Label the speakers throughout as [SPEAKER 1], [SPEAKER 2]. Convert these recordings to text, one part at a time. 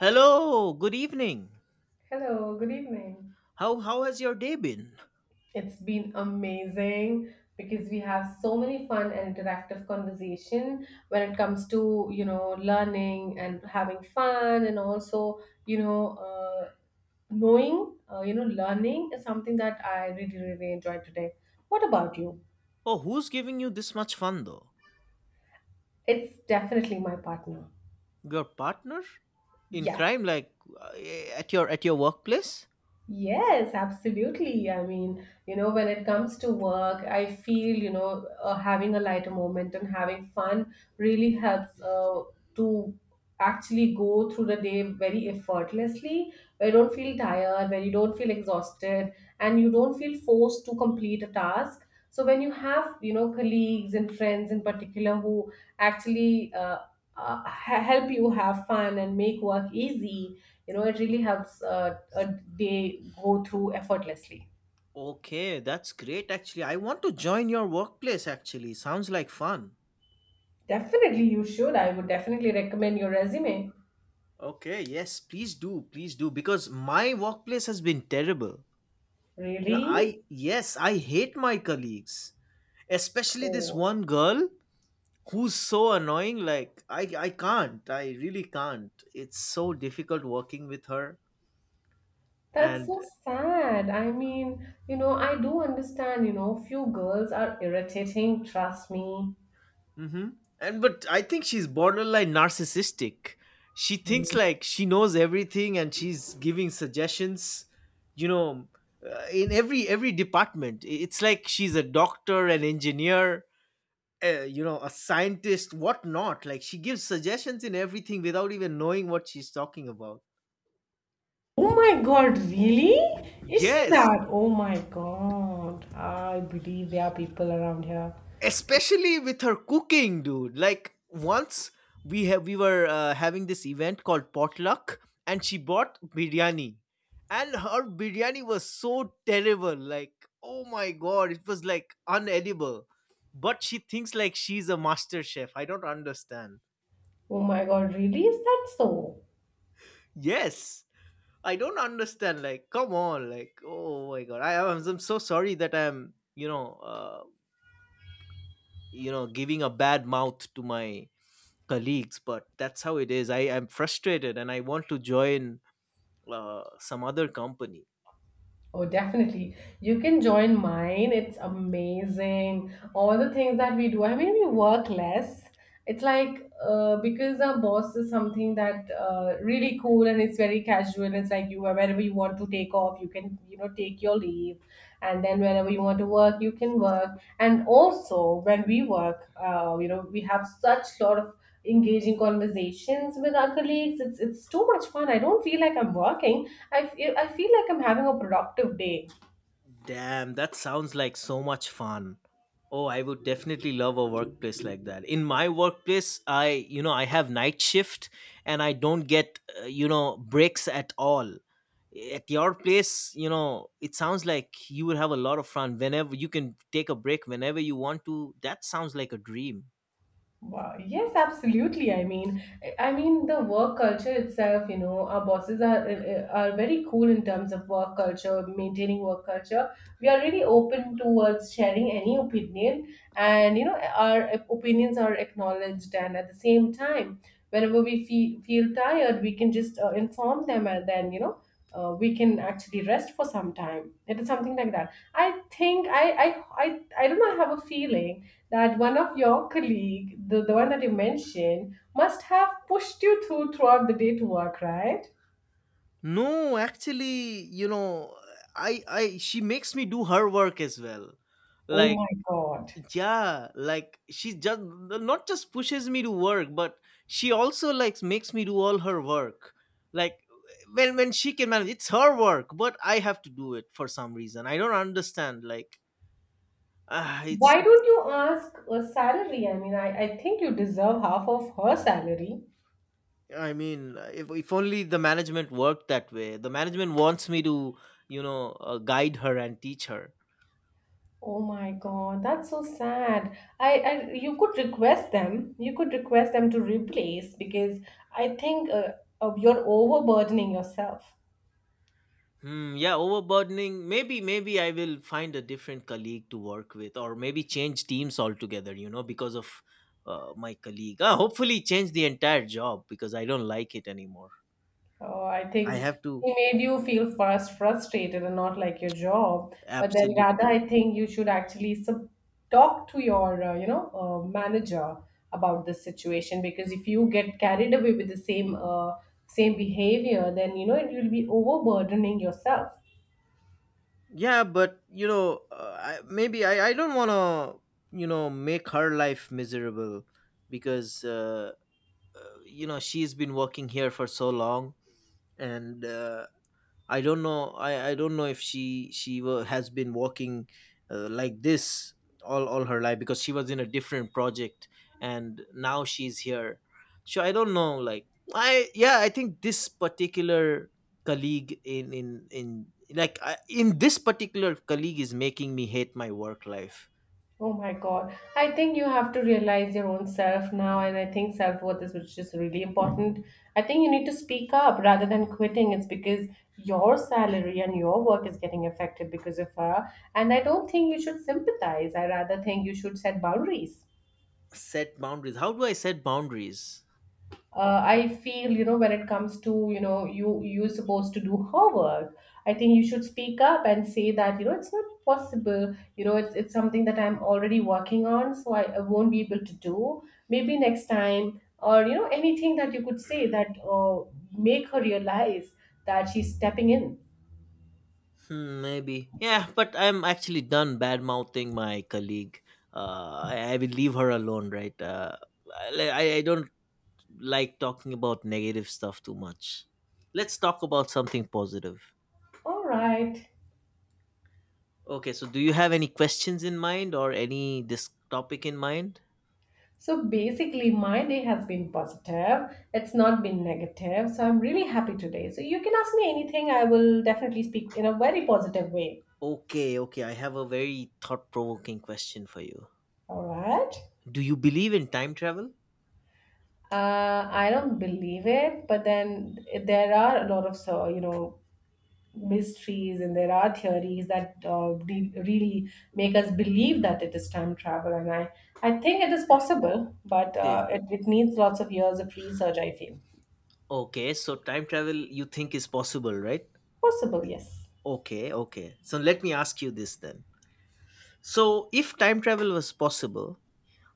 [SPEAKER 1] Hello, good evening.
[SPEAKER 2] Hello, good evening.
[SPEAKER 1] How has your day been?
[SPEAKER 2] It's been amazing because we have so many fun and interactive conversation when it comes to, learning and having fun, and also, knowing, learning is something that I really, really enjoyed today. What about you?
[SPEAKER 1] Oh, who's giving you this much fun though?
[SPEAKER 2] It's definitely my partner.
[SPEAKER 1] Your partner in
[SPEAKER 2] Yes.
[SPEAKER 1] crime, like uh, at your workplace?
[SPEAKER 2] Yes, absolutely. I mean, when it comes to work, I feel, having a lighter moment and having fun really helps to actually go through the day very effortlessly, where you don't feel tired, where you don't feel exhausted, and you don't feel forced to complete a task. So when you have, colleagues and friends in particular who actually help you have fun and make work easy, it really helps they go through effortlessly.
[SPEAKER 1] Okay, that's great actually. I want to join your workplace actually. Sounds like fun.
[SPEAKER 2] Definitely, you should. I would definitely recommend your resume.
[SPEAKER 1] Okay, yes, please do. Please do because my workplace has been terrible.
[SPEAKER 2] Really?
[SPEAKER 1] I— yes, I hate my colleagues, especially this
[SPEAKER 2] Oh.
[SPEAKER 1] one girl who's so annoying. Like I can't, I really can't. It's so difficult working with her.
[SPEAKER 2] That's
[SPEAKER 1] And
[SPEAKER 2] so sad. I mean, I do understand, few girls are irritating, trust me.
[SPEAKER 1] hmm but I think she's borderline narcissistic. She thinks
[SPEAKER 2] Mm.
[SPEAKER 1] like she knows everything and she's giving suggestions, you know, in every department. It's like she's a doctor, an engineer, you know, a scientist, what not. Like, she gives suggestions in everything without even knowing what she's talking about.
[SPEAKER 2] Oh my God, really? Is she
[SPEAKER 1] Yes,
[SPEAKER 2] that? Oh my God. I believe there are people around here.
[SPEAKER 1] especially with her cooking, dude. Like, once we were having this event called potluck, and she bought biryani, and her biryani was so terrible. Like, oh my God, it was like unedible. But she thinks like she's a master chef. I don't understand.
[SPEAKER 2] Oh my God, really? Is that so?
[SPEAKER 1] Yes, I don't understand. Like, come on. Like, oh my God, I'm so sorry that I'm, giving a bad mouth to my colleagues, but that's how it is. I am frustrated and I want to join some other company.
[SPEAKER 2] Oh, definitely. You can join mine. It's amazing. All the things that we do. I mean, we work less. It's like because our boss is something that really cool, and it's very casual. It's like, you wherever you want to take off, you can, take your leave, and then whenever you want to work, you can work. And also when we work, we have such lot of engaging conversations with our colleagues. It's too much fun. I don't feel like I'm working. I feel like I'm having a productive day.
[SPEAKER 1] Damn, that sounds like so much fun. Oh, I would definitely love a workplace like that. In my workplace, I you know, I have night shift and I don't get, breaks at all. At your place, you know, it sounds like you will have a lot of fun whenever you can take a break, whenever you want to. That sounds like a dream.
[SPEAKER 2] Wow. Yes, absolutely. I mean the work culture itself. You know, our bosses are very cool in terms of work culture, maintaining work culture. We are really open towards sharing any opinion, and you know, our opinions are acknowledged. And at the same time, whenever we feel tired, we can just inform them, and then you know. We can actually rest for some time. It is something like that. I think I, I don't know. I have a feeling that one of your colleague, the one that you mentioned, must have pushed you throughout the day to work, right?
[SPEAKER 1] No, actually, you know, I she makes me do her work as well.
[SPEAKER 2] Oh
[SPEAKER 1] Like,
[SPEAKER 2] my God.
[SPEAKER 1] yeah, like she just not just pushes me to work, but she also like makes me do all her work. Like, when she can manage, it's her work, but I have to do it for some reason. I don't understand. Like, ah, it's,
[SPEAKER 2] Why
[SPEAKER 1] it's
[SPEAKER 2] don't you ask a salary? I mean, I think you deserve half of her salary.
[SPEAKER 1] I mean, if only the management worked that way. The management wants me to, you know, guide her and teach her.
[SPEAKER 2] Oh my God, that's so sad. I you could request them. You could request them to replace because I think you're overburdening yourself.
[SPEAKER 1] Hmm, yeah, overburdening. Maybe, maybe I will find a different colleague to work with, or maybe change teams altogether. You know, because of my colleague. Ah, hopefully change the entire job because I don't like it anymore.
[SPEAKER 2] Oh, I
[SPEAKER 1] I
[SPEAKER 2] think
[SPEAKER 1] have to.
[SPEAKER 2] he made you feel first frustrated and not like your job. But then rather,
[SPEAKER 1] Absolutely.
[SPEAKER 2] I think you should actually sub talk to your, manager about this situation, because if you get carried away with the same same behavior, then you know it will be overburdening yourself.
[SPEAKER 1] Yeah, but you know, maybe I don't want to, you know, make her life miserable because, you know, she's been working here for so long, and I don't know. I don't know if she she wa has been working like this all her life because she was in a different project, and now she's here. So I don't know. Like, I yeah, I think this particular colleague in like I, in this particular colleague is making me hate my work life.
[SPEAKER 2] Oh my God. I think you have to realize your own self now, and I think self worth is which is really important. I think you need to speak up rather than quitting. It's because your salary and your work is getting affected because of her. And I don't think you should sympathize. I rather think you should set boundaries.
[SPEAKER 1] Set boundaries. How do I set boundaries?
[SPEAKER 2] I feel, when it comes to, you you're supposed to do homework. I think you should speak up and say that, it's not possible. You know, it's something that I'm already working on, so I won't be able to do. Maybe next time, or you know, anything that you could say that make her realize that she's stepping in.
[SPEAKER 1] Hmm, maybe. Yeah, but I'm actually done bad mouthing my colleague. I will leave her alone, right? I don't like talking about negative stuff too much. Let's talk about something positive.
[SPEAKER 2] All right.
[SPEAKER 1] Okay, so do you have any questions in mind or any this topic in mind?
[SPEAKER 2] So basically, my day has been positive. It's not been negative. So I'm really happy today. So you can ask me anything. I will definitely speak in a very positive way.
[SPEAKER 1] Okay, okay, I have a very thought provoking question for you.
[SPEAKER 2] All right.
[SPEAKER 1] Do you believe in time travel?
[SPEAKER 2] I don't believe it, but then there are a lot of you know mysteries, and there are theories that really make us believe that it is time travel, and I think it is possible, but uh,
[SPEAKER 1] Okay.
[SPEAKER 2] it, it needs lots of years of research, I feel.
[SPEAKER 1] Okay, so time travel you think is possible, right?
[SPEAKER 2] Possible, yes.
[SPEAKER 1] Okay, okay. So let me ask you this then. So, if time travel was possible,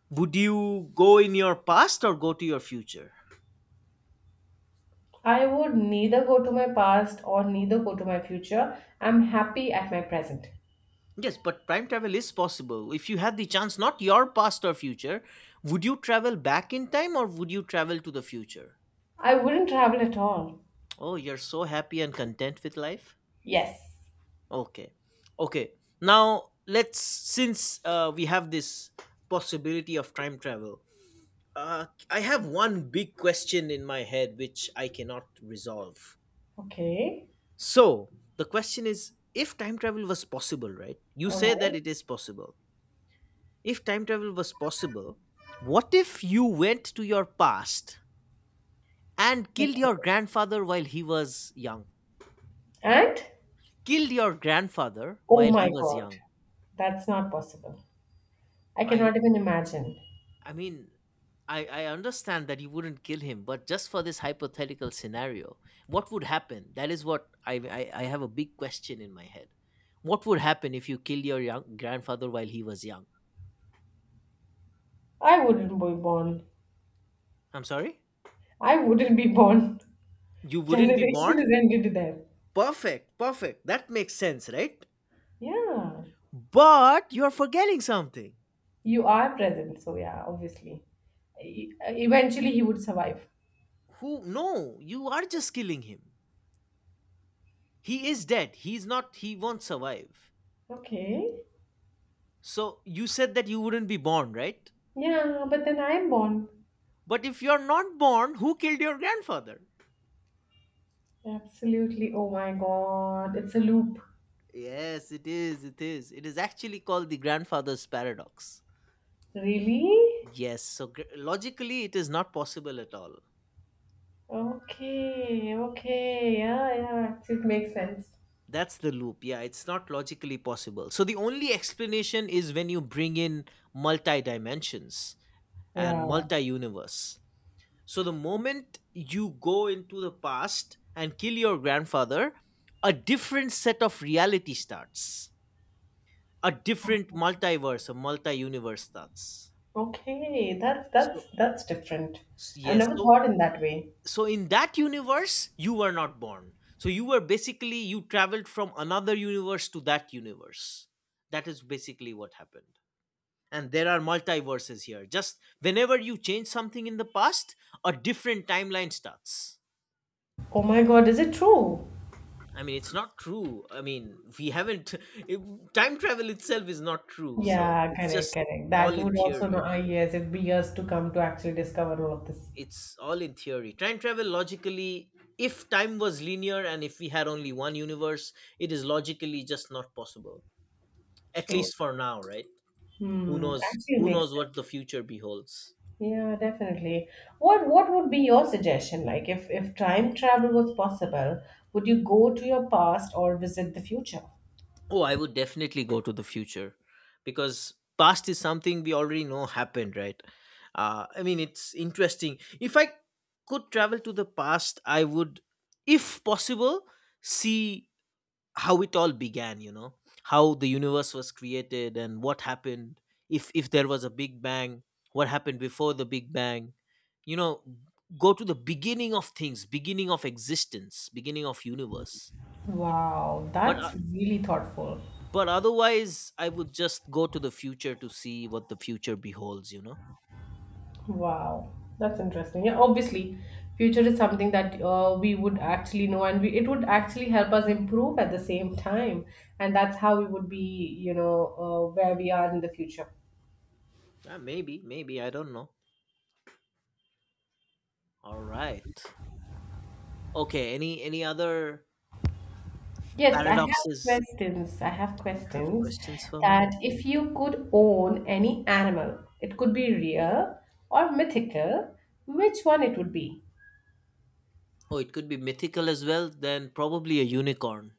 [SPEAKER 1] would you go in your past or go to your future?
[SPEAKER 2] I would neither go to my past or neither go to my future. I'm happy at my present.
[SPEAKER 1] Yes, but time travel is possible. If you had the chance, not your past or future, would you travel back in time or would you travel to the future?
[SPEAKER 2] I wouldn't travel at all.
[SPEAKER 1] Oh, you're so happy and content with life?
[SPEAKER 2] Yes.
[SPEAKER 1] Okay. Okay. Now, let's— since we have this possibility of time travel, I have one big question in my head which I cannot resolve.
[SPEAKER 2] Okay.
[SPEAKER 1] So the question is, if time travel was possible, right? You
[SPEAKER 2] All
[SPEAKER 1] say
[SPEAKER 2] right.
[SPEAKER 1] that it is possible. If time travel was possible, what if you went to your past and killed
[SPEAKER 2] Okay.
[SPEAKER 1] your grandfather while he was young?
[SPEAKER 2] And
[SPEAKER 1] Killed your grandfather
[SPEAKER 2] oh
[SPEAKER 1] while
[SPEAKER 2] my
[SPEAKER 1] he was
[SPEAKER 2] God,
[SPEAKER 1] young.
[SPEAKER 2] that's not possible. I
[SPEAKER 1] I know.
[SPEAKER 2] cannot even imagine.
[SPEAKER 1] I mean, I understand that you wouldn't kill him, but just for this hypothetical scenario, what would happen? That is what I have a big question in my head. What would happen if you killed your young grandfather while he was young?
[SPEAKER 2] I wouldn't be born.
[SPEAKER 1] I'm sorry?
[SPEAKER 2] I wouldn't be born.
[SPEAKER 1] You wouldn't be
[SPEAKER 2] Generation
[SPEAKER 1] born?
[SPEAKER 2] is ended there.
[SPEAKER 1] Perfect, perfect. That makes sense, right?
[SPEAKER 2] Yeah.
[SPEAKER 1] But you're forgetting something.
[SPEAKER 2] You are present. So, yeah, obviously. E- Eventually, he would survive.
[SPEAKER 1] Who? No, you are just killing him. He is dead. He won't survive.
[SPEAKER 2] Okay.
[SPEAKER 1] So you said that you wouldn't be born, right?
[SPEAKER 2] Yeah, but then I'm born.
[SPEAKER 1] But if you're not born, who killed your grandfather?
[SPEAKER 2] Absolutely. Oh my god. It's a loop.
[SPEAKER 1] Yes, it is, it is. It is actually called the grandfather's paradox.
[SPEAKER 2] Really?
[SPEAKER 1] Yes, so logically, it is not possible at all.
[SPEAKER 2] Okay. Okay. Yeah, yeah. Actually, it makes sense.
[SPEAKER 1] That's the loop. Yeah, it's not logically possible. So the only explanation is when you bring in multi dimensions and
[SPEAKER 2] Yeah.
[SPEAKER 1] multi universe. So the moment you go into the past and kill your grandfather, a different set of reality starts. A different multiverse, a multi universe starts.
[SPEAKER 2] Okay. That's
[SPEAKER 1] So
[SPEAKER 2] that's that's different. I've
[SPEAKER 1] yes,
[SPEAKER 2] never
[SPEAKER 1] so
[SPEAKER 2] thought in that way.
[SPEAKER 1] so in that universe you were not born. So you were basically— you traveled from another universe to that universe. That is basically what happened. And there are multiverses here. Just whenever you change something in the past, a different timeline starts.
[SPEAKER 2] Oh my god, is it true?
[SPEAKER 1] I mean, it's not true. I mean, we haven't time travel itself is not true, so
[SPEAKER 2] Yeah,
[SPEAKER 1] it's
[SPEAKER 2] correct,
[SPEAKER 1] just
[SPEAKER 2] correct. That
[SPEAKER 1] all in
[SPEAKER 2] would also
[SPEAKER 1] theory.
[SPEAKER 2] not, ah, yes, it'd be years to come to actually discover all of this.
[SPEAKER 1] It's all in theory. Time travel logically, if time was linear and if we had only one universe, it is logically just not possible, at
[SPEAKER 2] Sure.
[SPEAKER 1] least for now, right? Who
[SPEAKER 2] Hmm,
[SPEAKER 1] knows,
[SPEAKER 2] actually
[SPEAKER 1] who
[SPEAKER 2] makes.
[SPEAKER 1] knows what the future beholds.
[SPEAKER 2] Yeah, definitely. What would be your suggestion? Like, if time travel was possible, would you go to your past or visit the future?
[SPEAKER 1] Oh, I would definitely go to the future because past is something we already know happened, right? I mean, it's interesting. If I could travel to the past, I would, if possible, see how it all began, you know, how the universe was created and what happened. If there was a big bang, what happened before the big bang, you know, go to the beginning of things, beginning of existence, beginning of universe.
[SPEAKER 2] Wow,
[SPEAKER 1] but uh,
[SPEAKER 2] that's really thoughtful.
[SPEAKER 1] but otherwise I would just go to the future to see what the future beholds, you know.
[SPEAKER 2] Wow, that's interesting. Yeah, obviously, future is something that we would actually know, and we, it would actually help us improve at the same time, and that's how we would be, where we are in the future.
[SPEAKER 1] Yeah, maybe maybe I don't know. All right. Okay. Any other
[SPEAKER 2] Yes, I have
[SPEAKER 1] paradoxes?
[SPEAKER 2] questions. I have
[SPEAKER 1] Do you have
[SPEAKER 2] questions
[SPEAKER 1] questions for me?
[SPEAKER 2] that
[SPEAKER 1] Okay.
[SPEAKER 2] if you could own any animal, it could be real or mythical, which one it would be?
[SPEAKER 1] Oh, it could be mythical as well. Then probably a unicorn.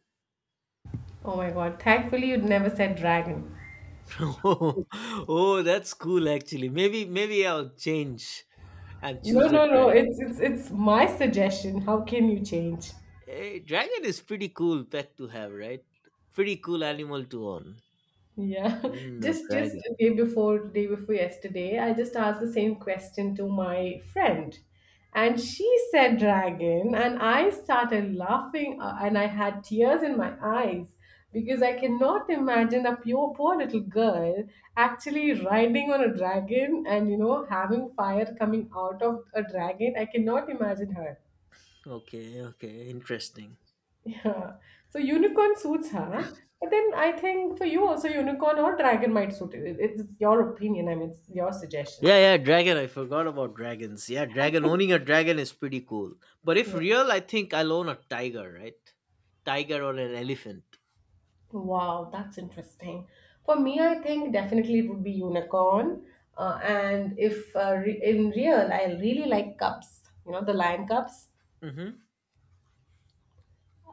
[SPEAKER 2] Oh my God, thankfully you'd never said dragon.
[SPEAKER 1] Oh, oh, that's cool actually. Maybe maybe I'll change and
[SPEAKER 2] No,
[SPEAKER 1] choose a
[SPEAKER 2] no, no,
[SPEAKER 1] dragon.
[SPEAKER 2] it's my suggestion. How can you change?
[SPEAKER 1] Hey, dragon is pretty cool pet to have, right? Pretty cool animal to own.
[SPEAKER 2] Yeah,
[SPEAKER 1] Mm, a
[SPEAKER 2] just the
[SPEAKER 1] dragon.
[SPEAKER 2] day before yesterday, I just asked the same question to my friend, and she said dragon, and I started laughing, and I had tears in my eyes because I cannot imagine a pure poor little girl actually riding on a dragon, and you know having fire coming out of a dragon. I cannot imagine her.
[SPEAKER 1] Okay. Okay. Interesting.
[SPEAKER 2] Yeah. So unicorn suits her, huh? But then I think for you also unicorn or dragon might suit it. It's your opinion. I mean, it's your suggestion.
[SPEAKER 1] Yeah, yeah, dragon. I forgot about dragons. Yeah, dragon. Owning a dragon is pretty cool. But if
[SPEAKER 2] Yeah.
[SPEAKER 1] real, I think I'll own a tiger, right? Tiger or an elephant.
[SPEAKER 2] Wow, that's interesting. For me, I think definitely it would be unicorn. And if re in real, I really like cubs. You know, the lion cubs.
[SPEAKER 1] Mm-hmm.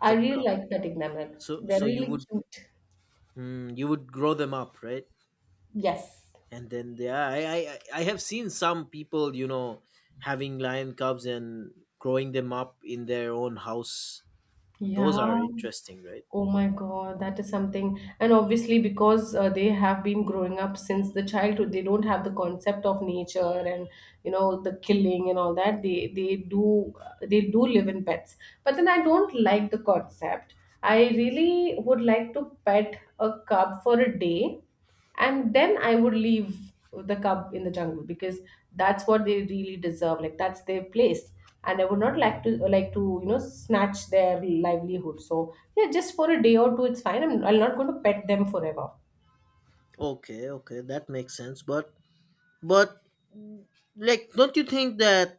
[SPEAKER 2] I
[SPEAKER 1] The
[SPEAKER 2] really
[SPEAKER 1] cup.
[SPEAKER 2] like petting them. Like,
[SPEAKER 1] So,
[SPEAKER 2] they're
[SPEAKER 1] so you
[SPEAKER 2] really
[SPEAKER 1] would—
[SPEAKER 2] cute.
[SPEAKER 1] mm, you would grow them up, right?
[SPEAKER 2] Yes.
[SPEAKER 1] And then, yeah, I have seen some people, you know, having lion cubs and growing them up in their own house. Those
[SPEAKER 2] Yeah.
[SPEAKER 1] are interesting, right?
[SPEAKER 2] Oh my God, that is something. And obviously, because they have been growing up since the childhood, they don't have the concept of nature and you know the killing and all that. They do live in pets. But then I don't like the concept. I really would like to pet a cub for a day, and then I would leave the cub in the jungle, because that's what they really deserve, like that's their place, and I would not like to you know snatch their livelihood. So yeah, just for a day or two it's fine. I'm not going to pet them forever.
[SPEAKER 1] Okay, okay, that makes sense. But, like, don't you think that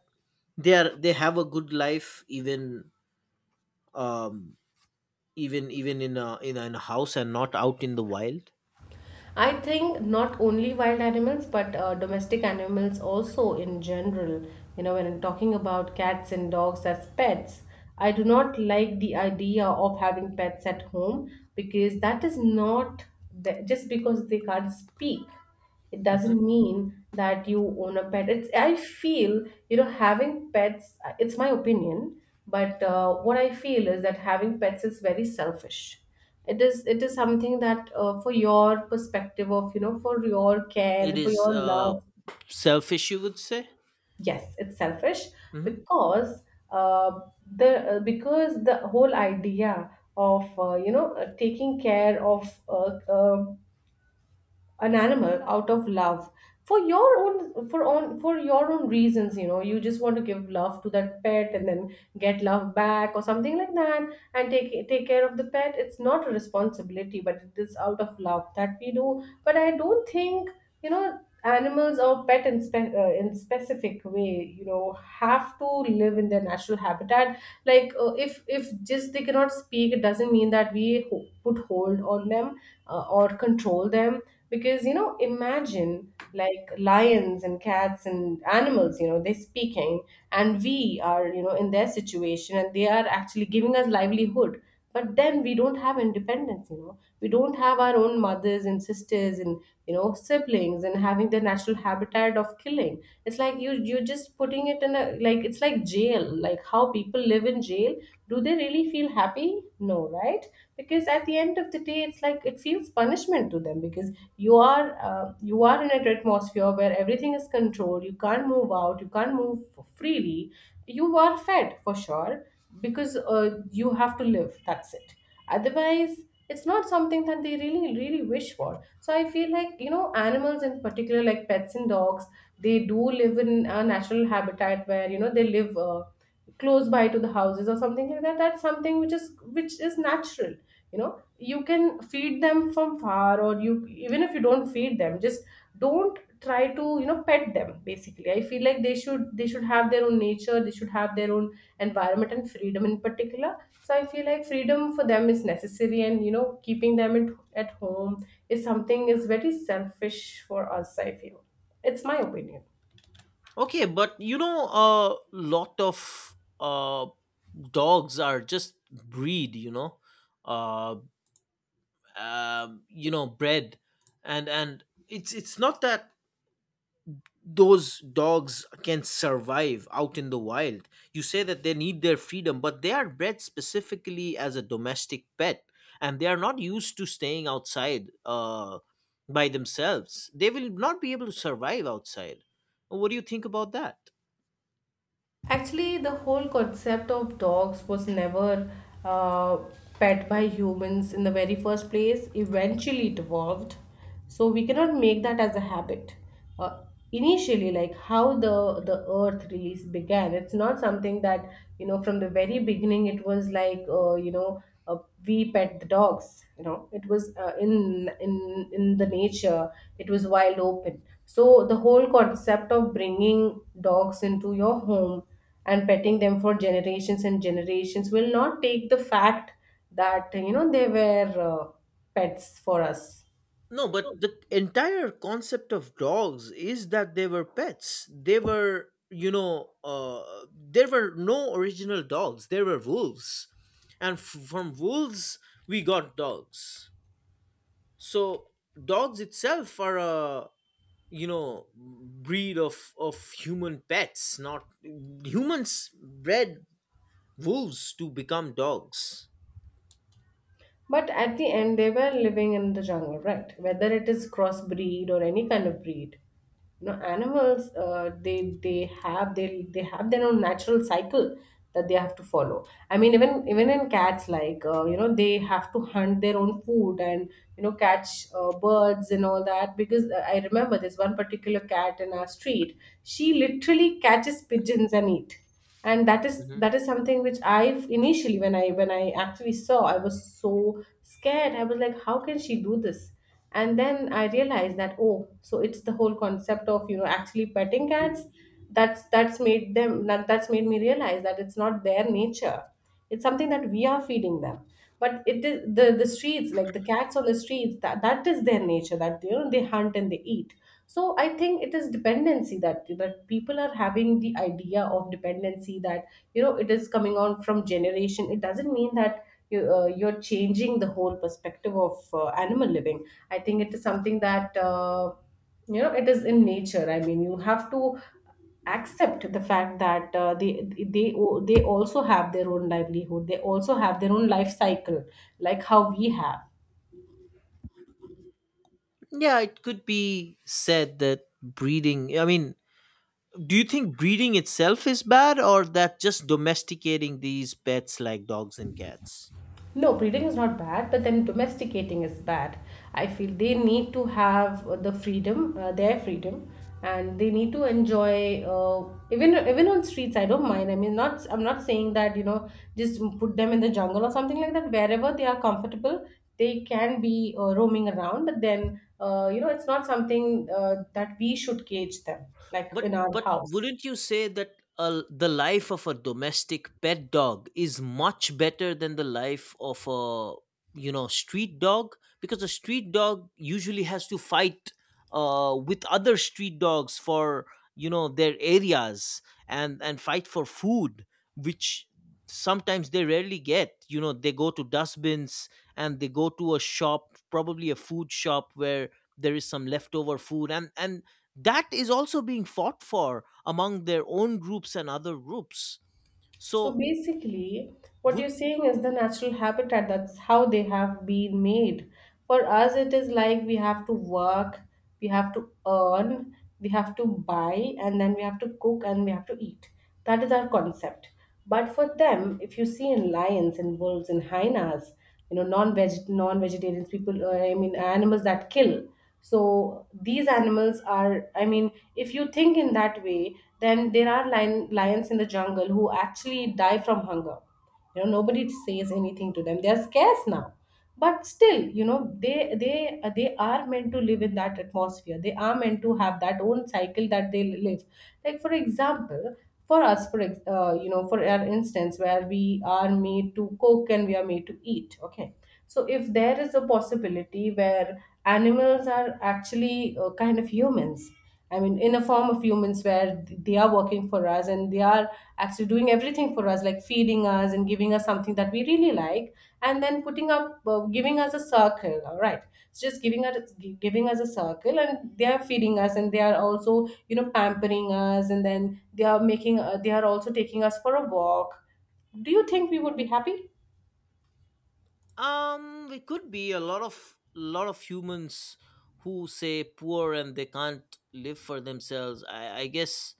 [SPEAKER 1] they are they have a good life even, um even even in in a house and not out in the wild?
[SPEAKER 2] I think not only wild animals, but domestic animals also in general. You know, when I'm talking about cats and dogs as pets, I do not like the idea of having pets at home, because that is not the, just because they can't speak it
[SPEAKER 1] Hmm.
[SPEAKER 2] doesn't mean that you own a pet, it's I feel you know having pets, it's my opinion, but what I feel is that having pets is very selfish. It is, it is something that for your perspective of you know for your care
[SPEAKER 1] It
[SPEAKER 2] and for
[SPEAKER 1] is,
[SPEAKER 2] your
[SPEAKER 1] uh,
[SPEAKER 2] love.
[SPEAKER 1] selfish, you would say.
[SPEAKER 2] Yes, it's selfish,
[SPEAKER 1] Hmm.
[SPEAKER 2] because uh, the because the whole idea of taking care of an animal out of love, for your own for own for your own reasons, you know you just want to give love to that pet and then get love back or something like that, and take care of the pet. It's not a responsibility, but it is out of love that we do. But I don't think you know animals or pet in, in specific way, you know, have to live in their natural habitat. Like if just they cannot speak, it doesn't mean that we put hold on them, or control them. Because you know imagine like lions and cats and animals, you know they're speaking, and we are you know in their situation, and they are actually giving us livelihood. But then we don't have independence, you know we don't have our own mothers and sisters and you know siblings, and having the natural habitat of killing. It's like you you're just putting it in a, like it's like jail, like how people live in jail. Do they really Feel happy? No, right? Because at the end of the day, it's like it feels punishment to them because you are in an atmosphere where everything is controlled. You can't move out, you can't move freely. You are fed for sure, because you have to live, that's it. Otherwise, it's not something that they really really wish for. So I feel like, you know, animals in particular, like pets and dogs, they do live in a natural habitat where, you know, they live close by to the houses or something like that. That's something which is natural. You know, you can feed them from far, or you, even if you don't feed them, just don't try to, you know, pet them. Basically, I feel like they should have their own nature, they should have their own environment and freedom in particular. So I feel like freedom for them is necessary, and you know, keeping them at home is something, is very selfish for us, I feel. It's my opinion.
[SPEAKER 1] Okay, but you know, a lot of uh dogs are just breed, you know, uh you know, bred, and it's not that those dogs can survive out in the wild. You say that they need their freedom, but they are bred specifically as a domestic pet, and they are not used to staying outside by themselves. They will not be able to survive outside. What do you think about that?
[SPEAKER 2] Actually, the whole concept of dogs was never uh, pet by humans in the very first place. Eventually, it evolved. So we cannot make that as a habit. Uh, Initially, like how the Earth release began, it's not something that, you know, from the very beginning. It was like you know we pet the dogs. You know, it was in in the nature. It was wild open. So, the whole concept of bringing dogs into your home and petting them for generations and generations will not take the fact that, you know, they were pets for us.
[SPEAKER 1] No, but the entire concept of dogs is that they were pets. They were, you know, there were no original dogs. There were wolves. And from wolves, we got dogs. So dogs itself are a, you know, breed of human pets, not humans bred wolves to become dogs.
[SPEAKER 2] But at the end, they were living in the jungle, right? Whether it is crossbreed or any kind of breed, you know, animals they have their own natural cycle that they have to follow. I mean, even in cats, like you know, they have to hunt their own food and, you know, catch birds and all that. Because I remember there's one particular cat in our street, she literally catches pigeons and eat, and that is
[SPEAKER 1] hmm
[SPEAKER 2] that is something which I initially when I actually saw, I was so scared. I was like, how can she do this? And then I realized that, oh, so it's the whole concept of, you know, actually petting cats. That's made them that's made me realize that it's not their nature. It's something that we are feeding them. But it is the streets, like the cats on the streets, that is their nature, that, you know, they hunt and they eat. So I think it is dependency, that people are having the idea of dependency, that, you know, it is coming on from generation. It doesn't mean that you, you're changing the whole perspective of animal living. I think it is something that you know, it is in nature. I mean, you have to accept the fact that they they also have their own livelihood, they also have their own life cycle, like how we have.
[SPEAKER 1] Yeah, it could be said that breeding, I mean, do you think breeding itself is bad or that just domesticating these pets like dogs and cats?
[SPEAKER 2] No, breeding is not bad, but then domesticating is bad. I feel they need to have the freedom, their freedom, and they need to enjoy. Even on streets, I don't mind. I mean, not, I'm not saying that, you know, just put them in the jungle or something like that. Wherever they are comfortable, they can be roaming around. But then you know, it's not something that we should cage them like
[SPEAKER 1] But
[SPEAKER 2] in our house.
[SPEAKER 1] wouldn't you say that the life of a domestic pet dog is much better than the life of a, you know, street dog? Because a street dog usually has to fight with other street dogs for, you know, their areas, and fight for food, which sometimes they rarely get. You know, they go to dustbins and they go to a shop, probably a food shop where there is some leftover food, and that is also being fought for among their own groups and other groups,
[SPEAKER 2] So
[SPEAKER 1] so
[SPEAKER 2] basically, what you're
[SPEAKER 1] would...
[SPEAKER 2] saying is the natural habitat. That's how they have been made. For us, it is like we have to work, we have to earn, we have to buy, and then we have to cook and we have to eat. That is our concept. But for them, if you see in lions, in wolves, in hyenas, you know, non-veg non-vegetarians people, I mean animals that kill, so these animals are, I mean, if you think in that way, then there are lions in the jungle who actually die from hunger. You know, nobody says anything to them. They are scarce now, but still, you know, they they are meant to live in that atmosphere. They are meant to have that own cycle that they live. Like for example, for us, for you know, for our instance, where we are made to cook and we are made to eat, okay. So if there is a possibility where animals are actually kind of humans, I mean in a form of humans, where they are working for us and they are actually doing everything for us, like feeding us and giving us something that we really like, and then putting up, giving us a circle, all right, it's just giving us, giving us a circle, and they are feeding us, and they are also, you know, pampering us, and then they are making, they are also taking us for a walk, do you think we would be happy?
[SPEAKER 1] It could be a lot of humans who say poor and they can't live for themselves, I guess,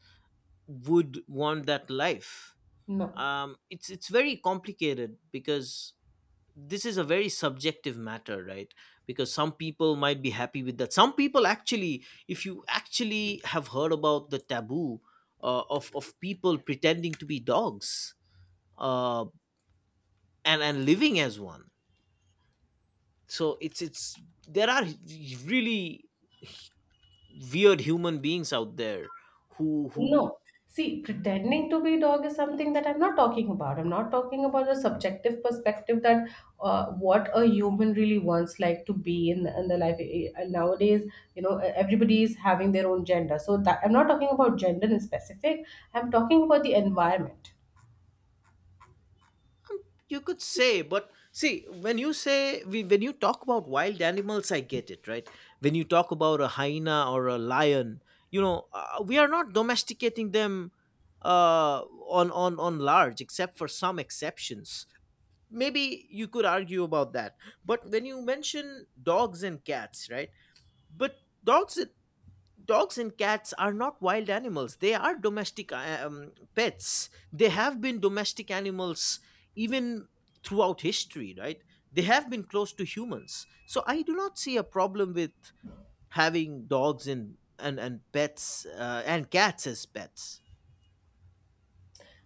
[SPEAKER 1] would want that life.
[SPEAKER 2] No.
[SPEAKER 1] It's very complicated because this is a very subjective matter, right? Because some people might be happy with that, some people actually, if you actually have heard about the taboo of people pretending to be dogs, uh, and living as one. So it's there are really weird human beings out there who
[SPEAKER 2] No.
[SPEAKER 1] who
[SPEAKER 2] See,
[SPEAKER 1] hmm?
[SPEAKER 2] pretending to be dog is something that I'm not talking about. I'm not talking about the subjective perspective that what a human really wants, like to be in the life. Nowadays, you know, everybody is having their own gender. So that, I'm not talking about gender in specific. I'm talking about the environment.
[SPEAKER 1] You could say, but see, when you say we, when you talk about wild animals, I get it, right? When you talk about a hyena or a lion, you know, we are not domesticating them, uh, on on large, except for some exceptions, maybe you could argue about that. But when you mention dogs and cats, right? But dogs dogs and cats are not wild animals, they are domestic pets. They have been domestic animals even throughout history, right? They have been close to humans, so I do not see a problem with having dogs and pets and cats as pets.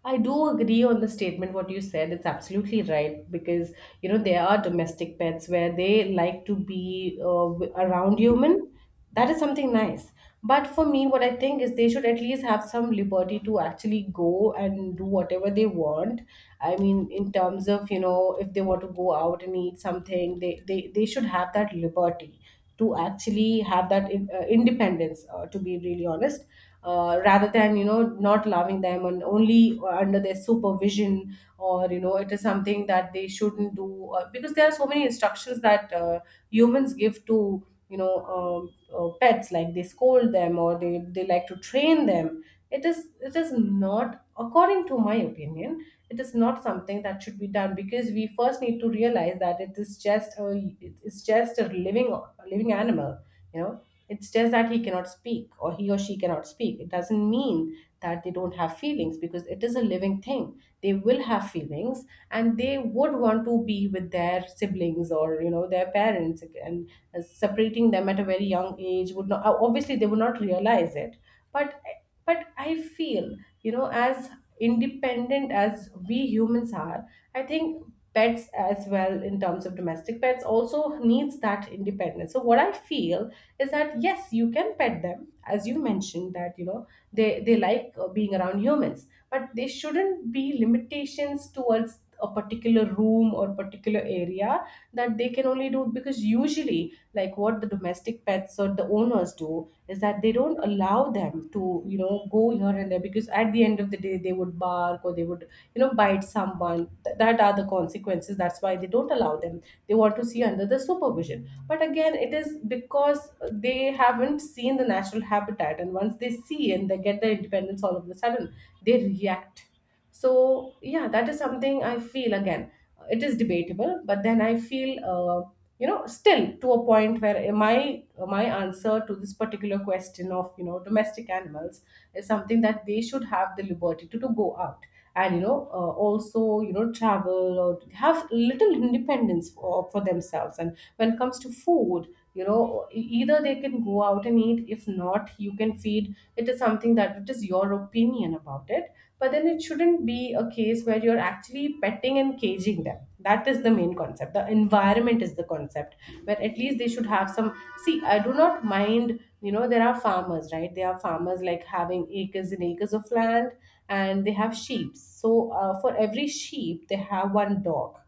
[SPEAKER 2] I do agree on the statement what you said. It's absolutely right, because you know, there are domestic pets where they like to be around human. That is something nice. But for me, what I think is they should at least have some liberty to actually go and do whatever they want. I mean, in terms of, you know, if they want to go out and eat something, they should have that liberty to actually have that in, independence to be really honest, rather than, you know, not loving them, and only under their supervision, or you know, it is something that they shouldn't do, because there are so many instructions that humans give to, you know, pets, like they scold them, or they like to train them. It is, it is not according to my opinion. It is not something that should be done, because we first need to realize that it is just a, it is just a living animal, you know. It's just that he cannot speak, or he or she cannot speak. It doesn't mean that they don't have feelings, because it is a living thing, they will have feelings. And they would want to be with their siblings, or you know, their parents. And separating them at a very young age would not, obviously they would not realize it, but but I feel, you know, as independent as we humans are, I think pets as well, in terms of domestic pets, also needs that independence. So what I feel is that yes, you can pet them, as you mentioned, that you know they like being around humans, but there shouldn't be limitations towards a particular room or particular area that they can only do, because usually, like what the domestic pets or the owners do, is that they don't allow them to, you know, go here and there, because at the end of the day, they would bark, or they would, you know, bite someone. That are the consequences, that's why they don't allow them. They want to see under the supervision. But again, it is because they haven't seen the natural habitat, and once they see and they get their independence, all of a sudden they react. So, yeah, that is something I feel again. It is debatable, but then I feel, you know, still to a point where my answer to this particular question of, you know, domestic animals, is something that they should have the liberty to go out, and you know, also, you know, travel, or have little independence for themselves. And when it comes to food, you know, either they can go out and eat, if not, you can feed. It is something that, it is your opinion about it. But then it shouldn't be a case where you're actually petting and caging them. That is the main concept. The environment is the concept, where at least they should have some. See, I do not mind, you know, there are farmers, right? They are farmers, like having acres and acres of land, and they have sheep. So for every sheep, they have one dog,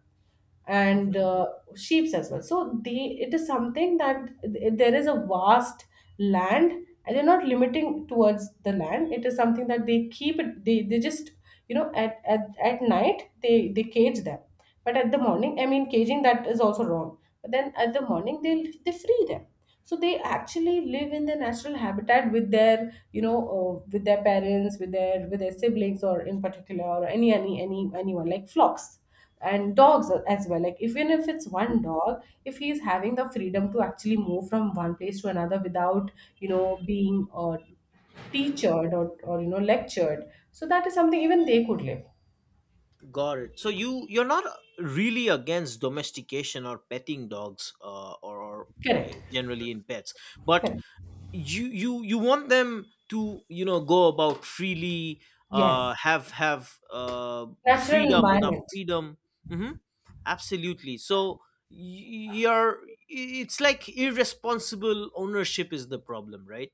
[SPEAKER 2] and
[SPEAKER 1] hmm
[SPEAKER 2] sheep as well. So the it is something that there is a vast land, and they're not limiting towards the land. It is something that they keep it. They just at, at night they cage them, but at the morning. I mean, caging that is also wrong. But then at the morning they free them, so they actually live in their natural habitat with their with their parents, with their siblings or in particular, or any anyone, like flocks. And dogs as well, like even if it's one dog, if he is having the freedom to actually move from one place to another without you know being teachered or lectured. So that is something even they could live.
[SPEAKER 1] got it. So you're not really against domestication or petting dogs, or, eh,
[SPEAKER 2] Correct.
[SPEAKER 1] generally in pets, but
[SPEAKER 2] Correct.
[SPEAKER 1] you want them to, you know, go about freely,
[SPEAKER 2] Yes.
[SPEAKER 1] have
[SPEAKER 2] Natural
[SPEAKER 1] freedom, enough
[SPEAKER 2] environment.
[SPEAKER 1] freedom. hmm Absolutely. So you're, it's like irresponsible ownership is the problem, right?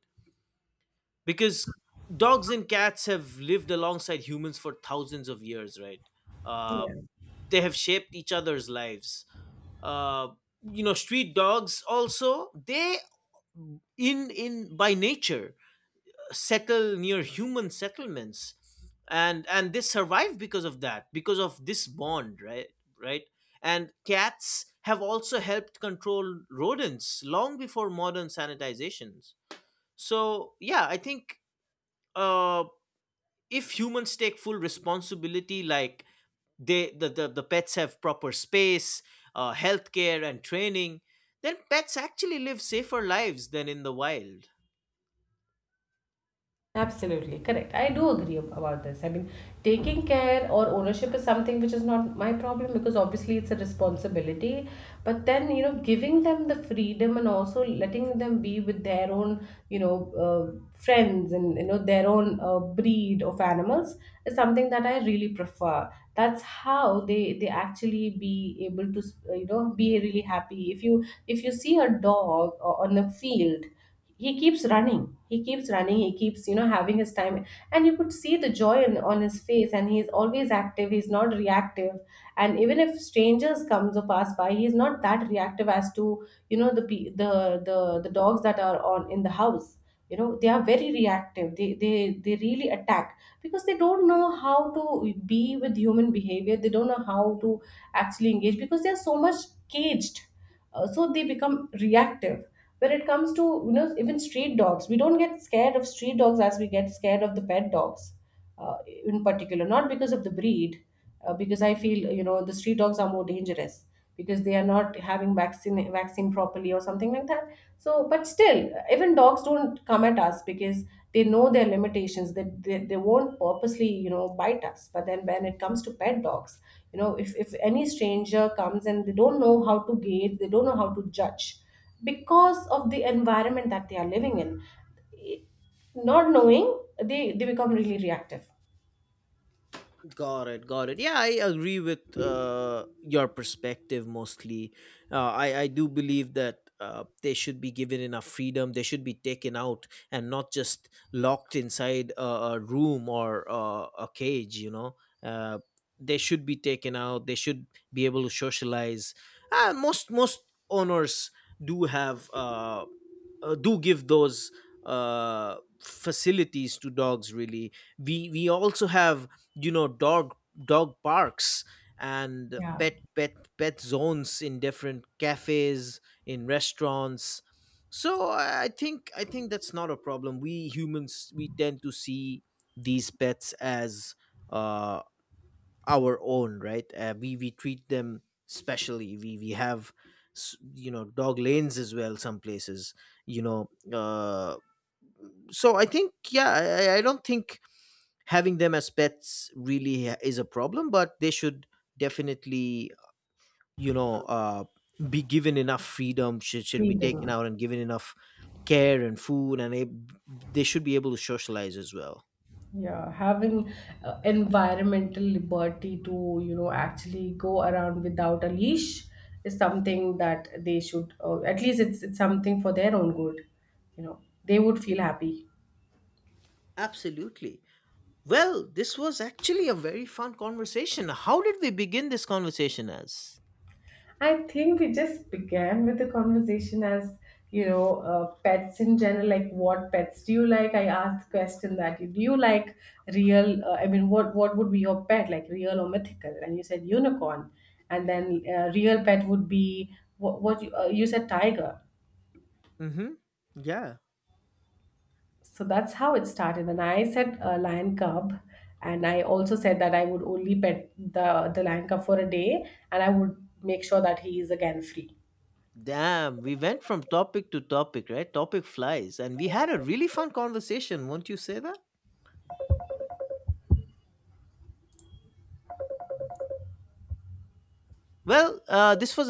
[SPEAKER 1] Because dogs and cats have lived alongside humans for thousands of years, right? uh
[SPEAKER 2] Yeah.
[SPEAKER 1] they have shaped each other's lives uh you know, street dogs also, they in by nature settle near human settlements, and they survive because of that, because of this bond, right? Right. And cats have also helped control rodents long before modern sanitizations. So yeah, I think uh if humans take full responsibility, like they, the pets have proper space, healthcare and training, then pets actually live safer lives than in the wild.
[SPEAKER 2] Absolutely correct. I do agree about this. I mean, taking care or ownership is something which is not my problem, because obviously it's a responsibility. But then, you know, giving them the freedom and also letting them be with their own, you know, friends and, you know, their own breed of animals is something that I really prefer. That's how they actually be able to, you know, be really happy. If you see a dog on a field, he keeps running, he keeps running, he keeps, you know, having his time. And you could see the joy in, on his face, and he's always active, he's not reactive. And even if strangers comes or pass by, he's not that reactive as to, you know, the the dogs that are on in the house. You know, they are very reactive. They really attack because they don't know how to be with human behavior. They don't know how to actually engage because they are so much caged. So they become reactive when it comes to, you know, even street dogs. We don't get scared of street dogs as we get scared of the pet dogs, uh, in particular, not because of the breed. Because I feel, you know, the street dogs are more dangerous because they are not having vaccine properly or something like that. So but still even dogs don't come at us because they know their limitations, that they won't purposely, you know, bite us. But then when it comes to pet dogs, you know, if any stranger comes and they don't know how to gauge, they don't know how to judge because of the environment that they are living in, not knowing, they become really reactive.
[SPEAKER 1] Got it, got it. Yeah, I agree with your perspective mostly. I do believe that they should be given enough freedom. They should be taken out and not just locked inside a room or a cage, you know. Uh, they should be taken out. They should be able to socialize. Most owners do have do give those facilities to dogs, really. We also have, you know, dog parks and
[SPEAKER 2] Yeah,
[SPEAKER 1] pet zones in different cafes, in restaurants. So I think, that's not a problem. We humans, we tend to see these pets as, uh our own, right? We treat them specially. We have, you know, dog lanes as well, some places, you know uh so I think, yeah, I don't think having them as pets really is a problem, but they should definitely, you know, be given enough freedom, should be taken
[SPEAKER 2] freedom.
[SPEAKER 1] out, and given enough care and food, and they should be able to socialize as well.
[SPEAKER 2] Yeah, having environmental liberty to, you know, actually go around without a leash is something that they should, or at least it's something for their own good. You know, they would feel happy.
[SPEAKER 1] Absolutely. Well, this was actually a very fun conversation. How did we begin this conversation as?
[SPEAKER 2] I think we just began with the conversation as, you know, pets in general, like what pets do you like. I asked the question that, do you like real I mean, what would be your pet, like real or mythical? And you said unicorn. And then real pet would be what, you said tiger.
[SPEAKER 1] Mm-hmm. Yeah.
[SPEAKER 2] So that's how it started. And I said lion cub. And I also said that I would only pet the lion cub for a day. And I would make sure that he is again free.
[SPEAKER 1] Damn, we went from topic to topic, right? Topic flies. And we had a really fun conversation, won't you say that? Well, this was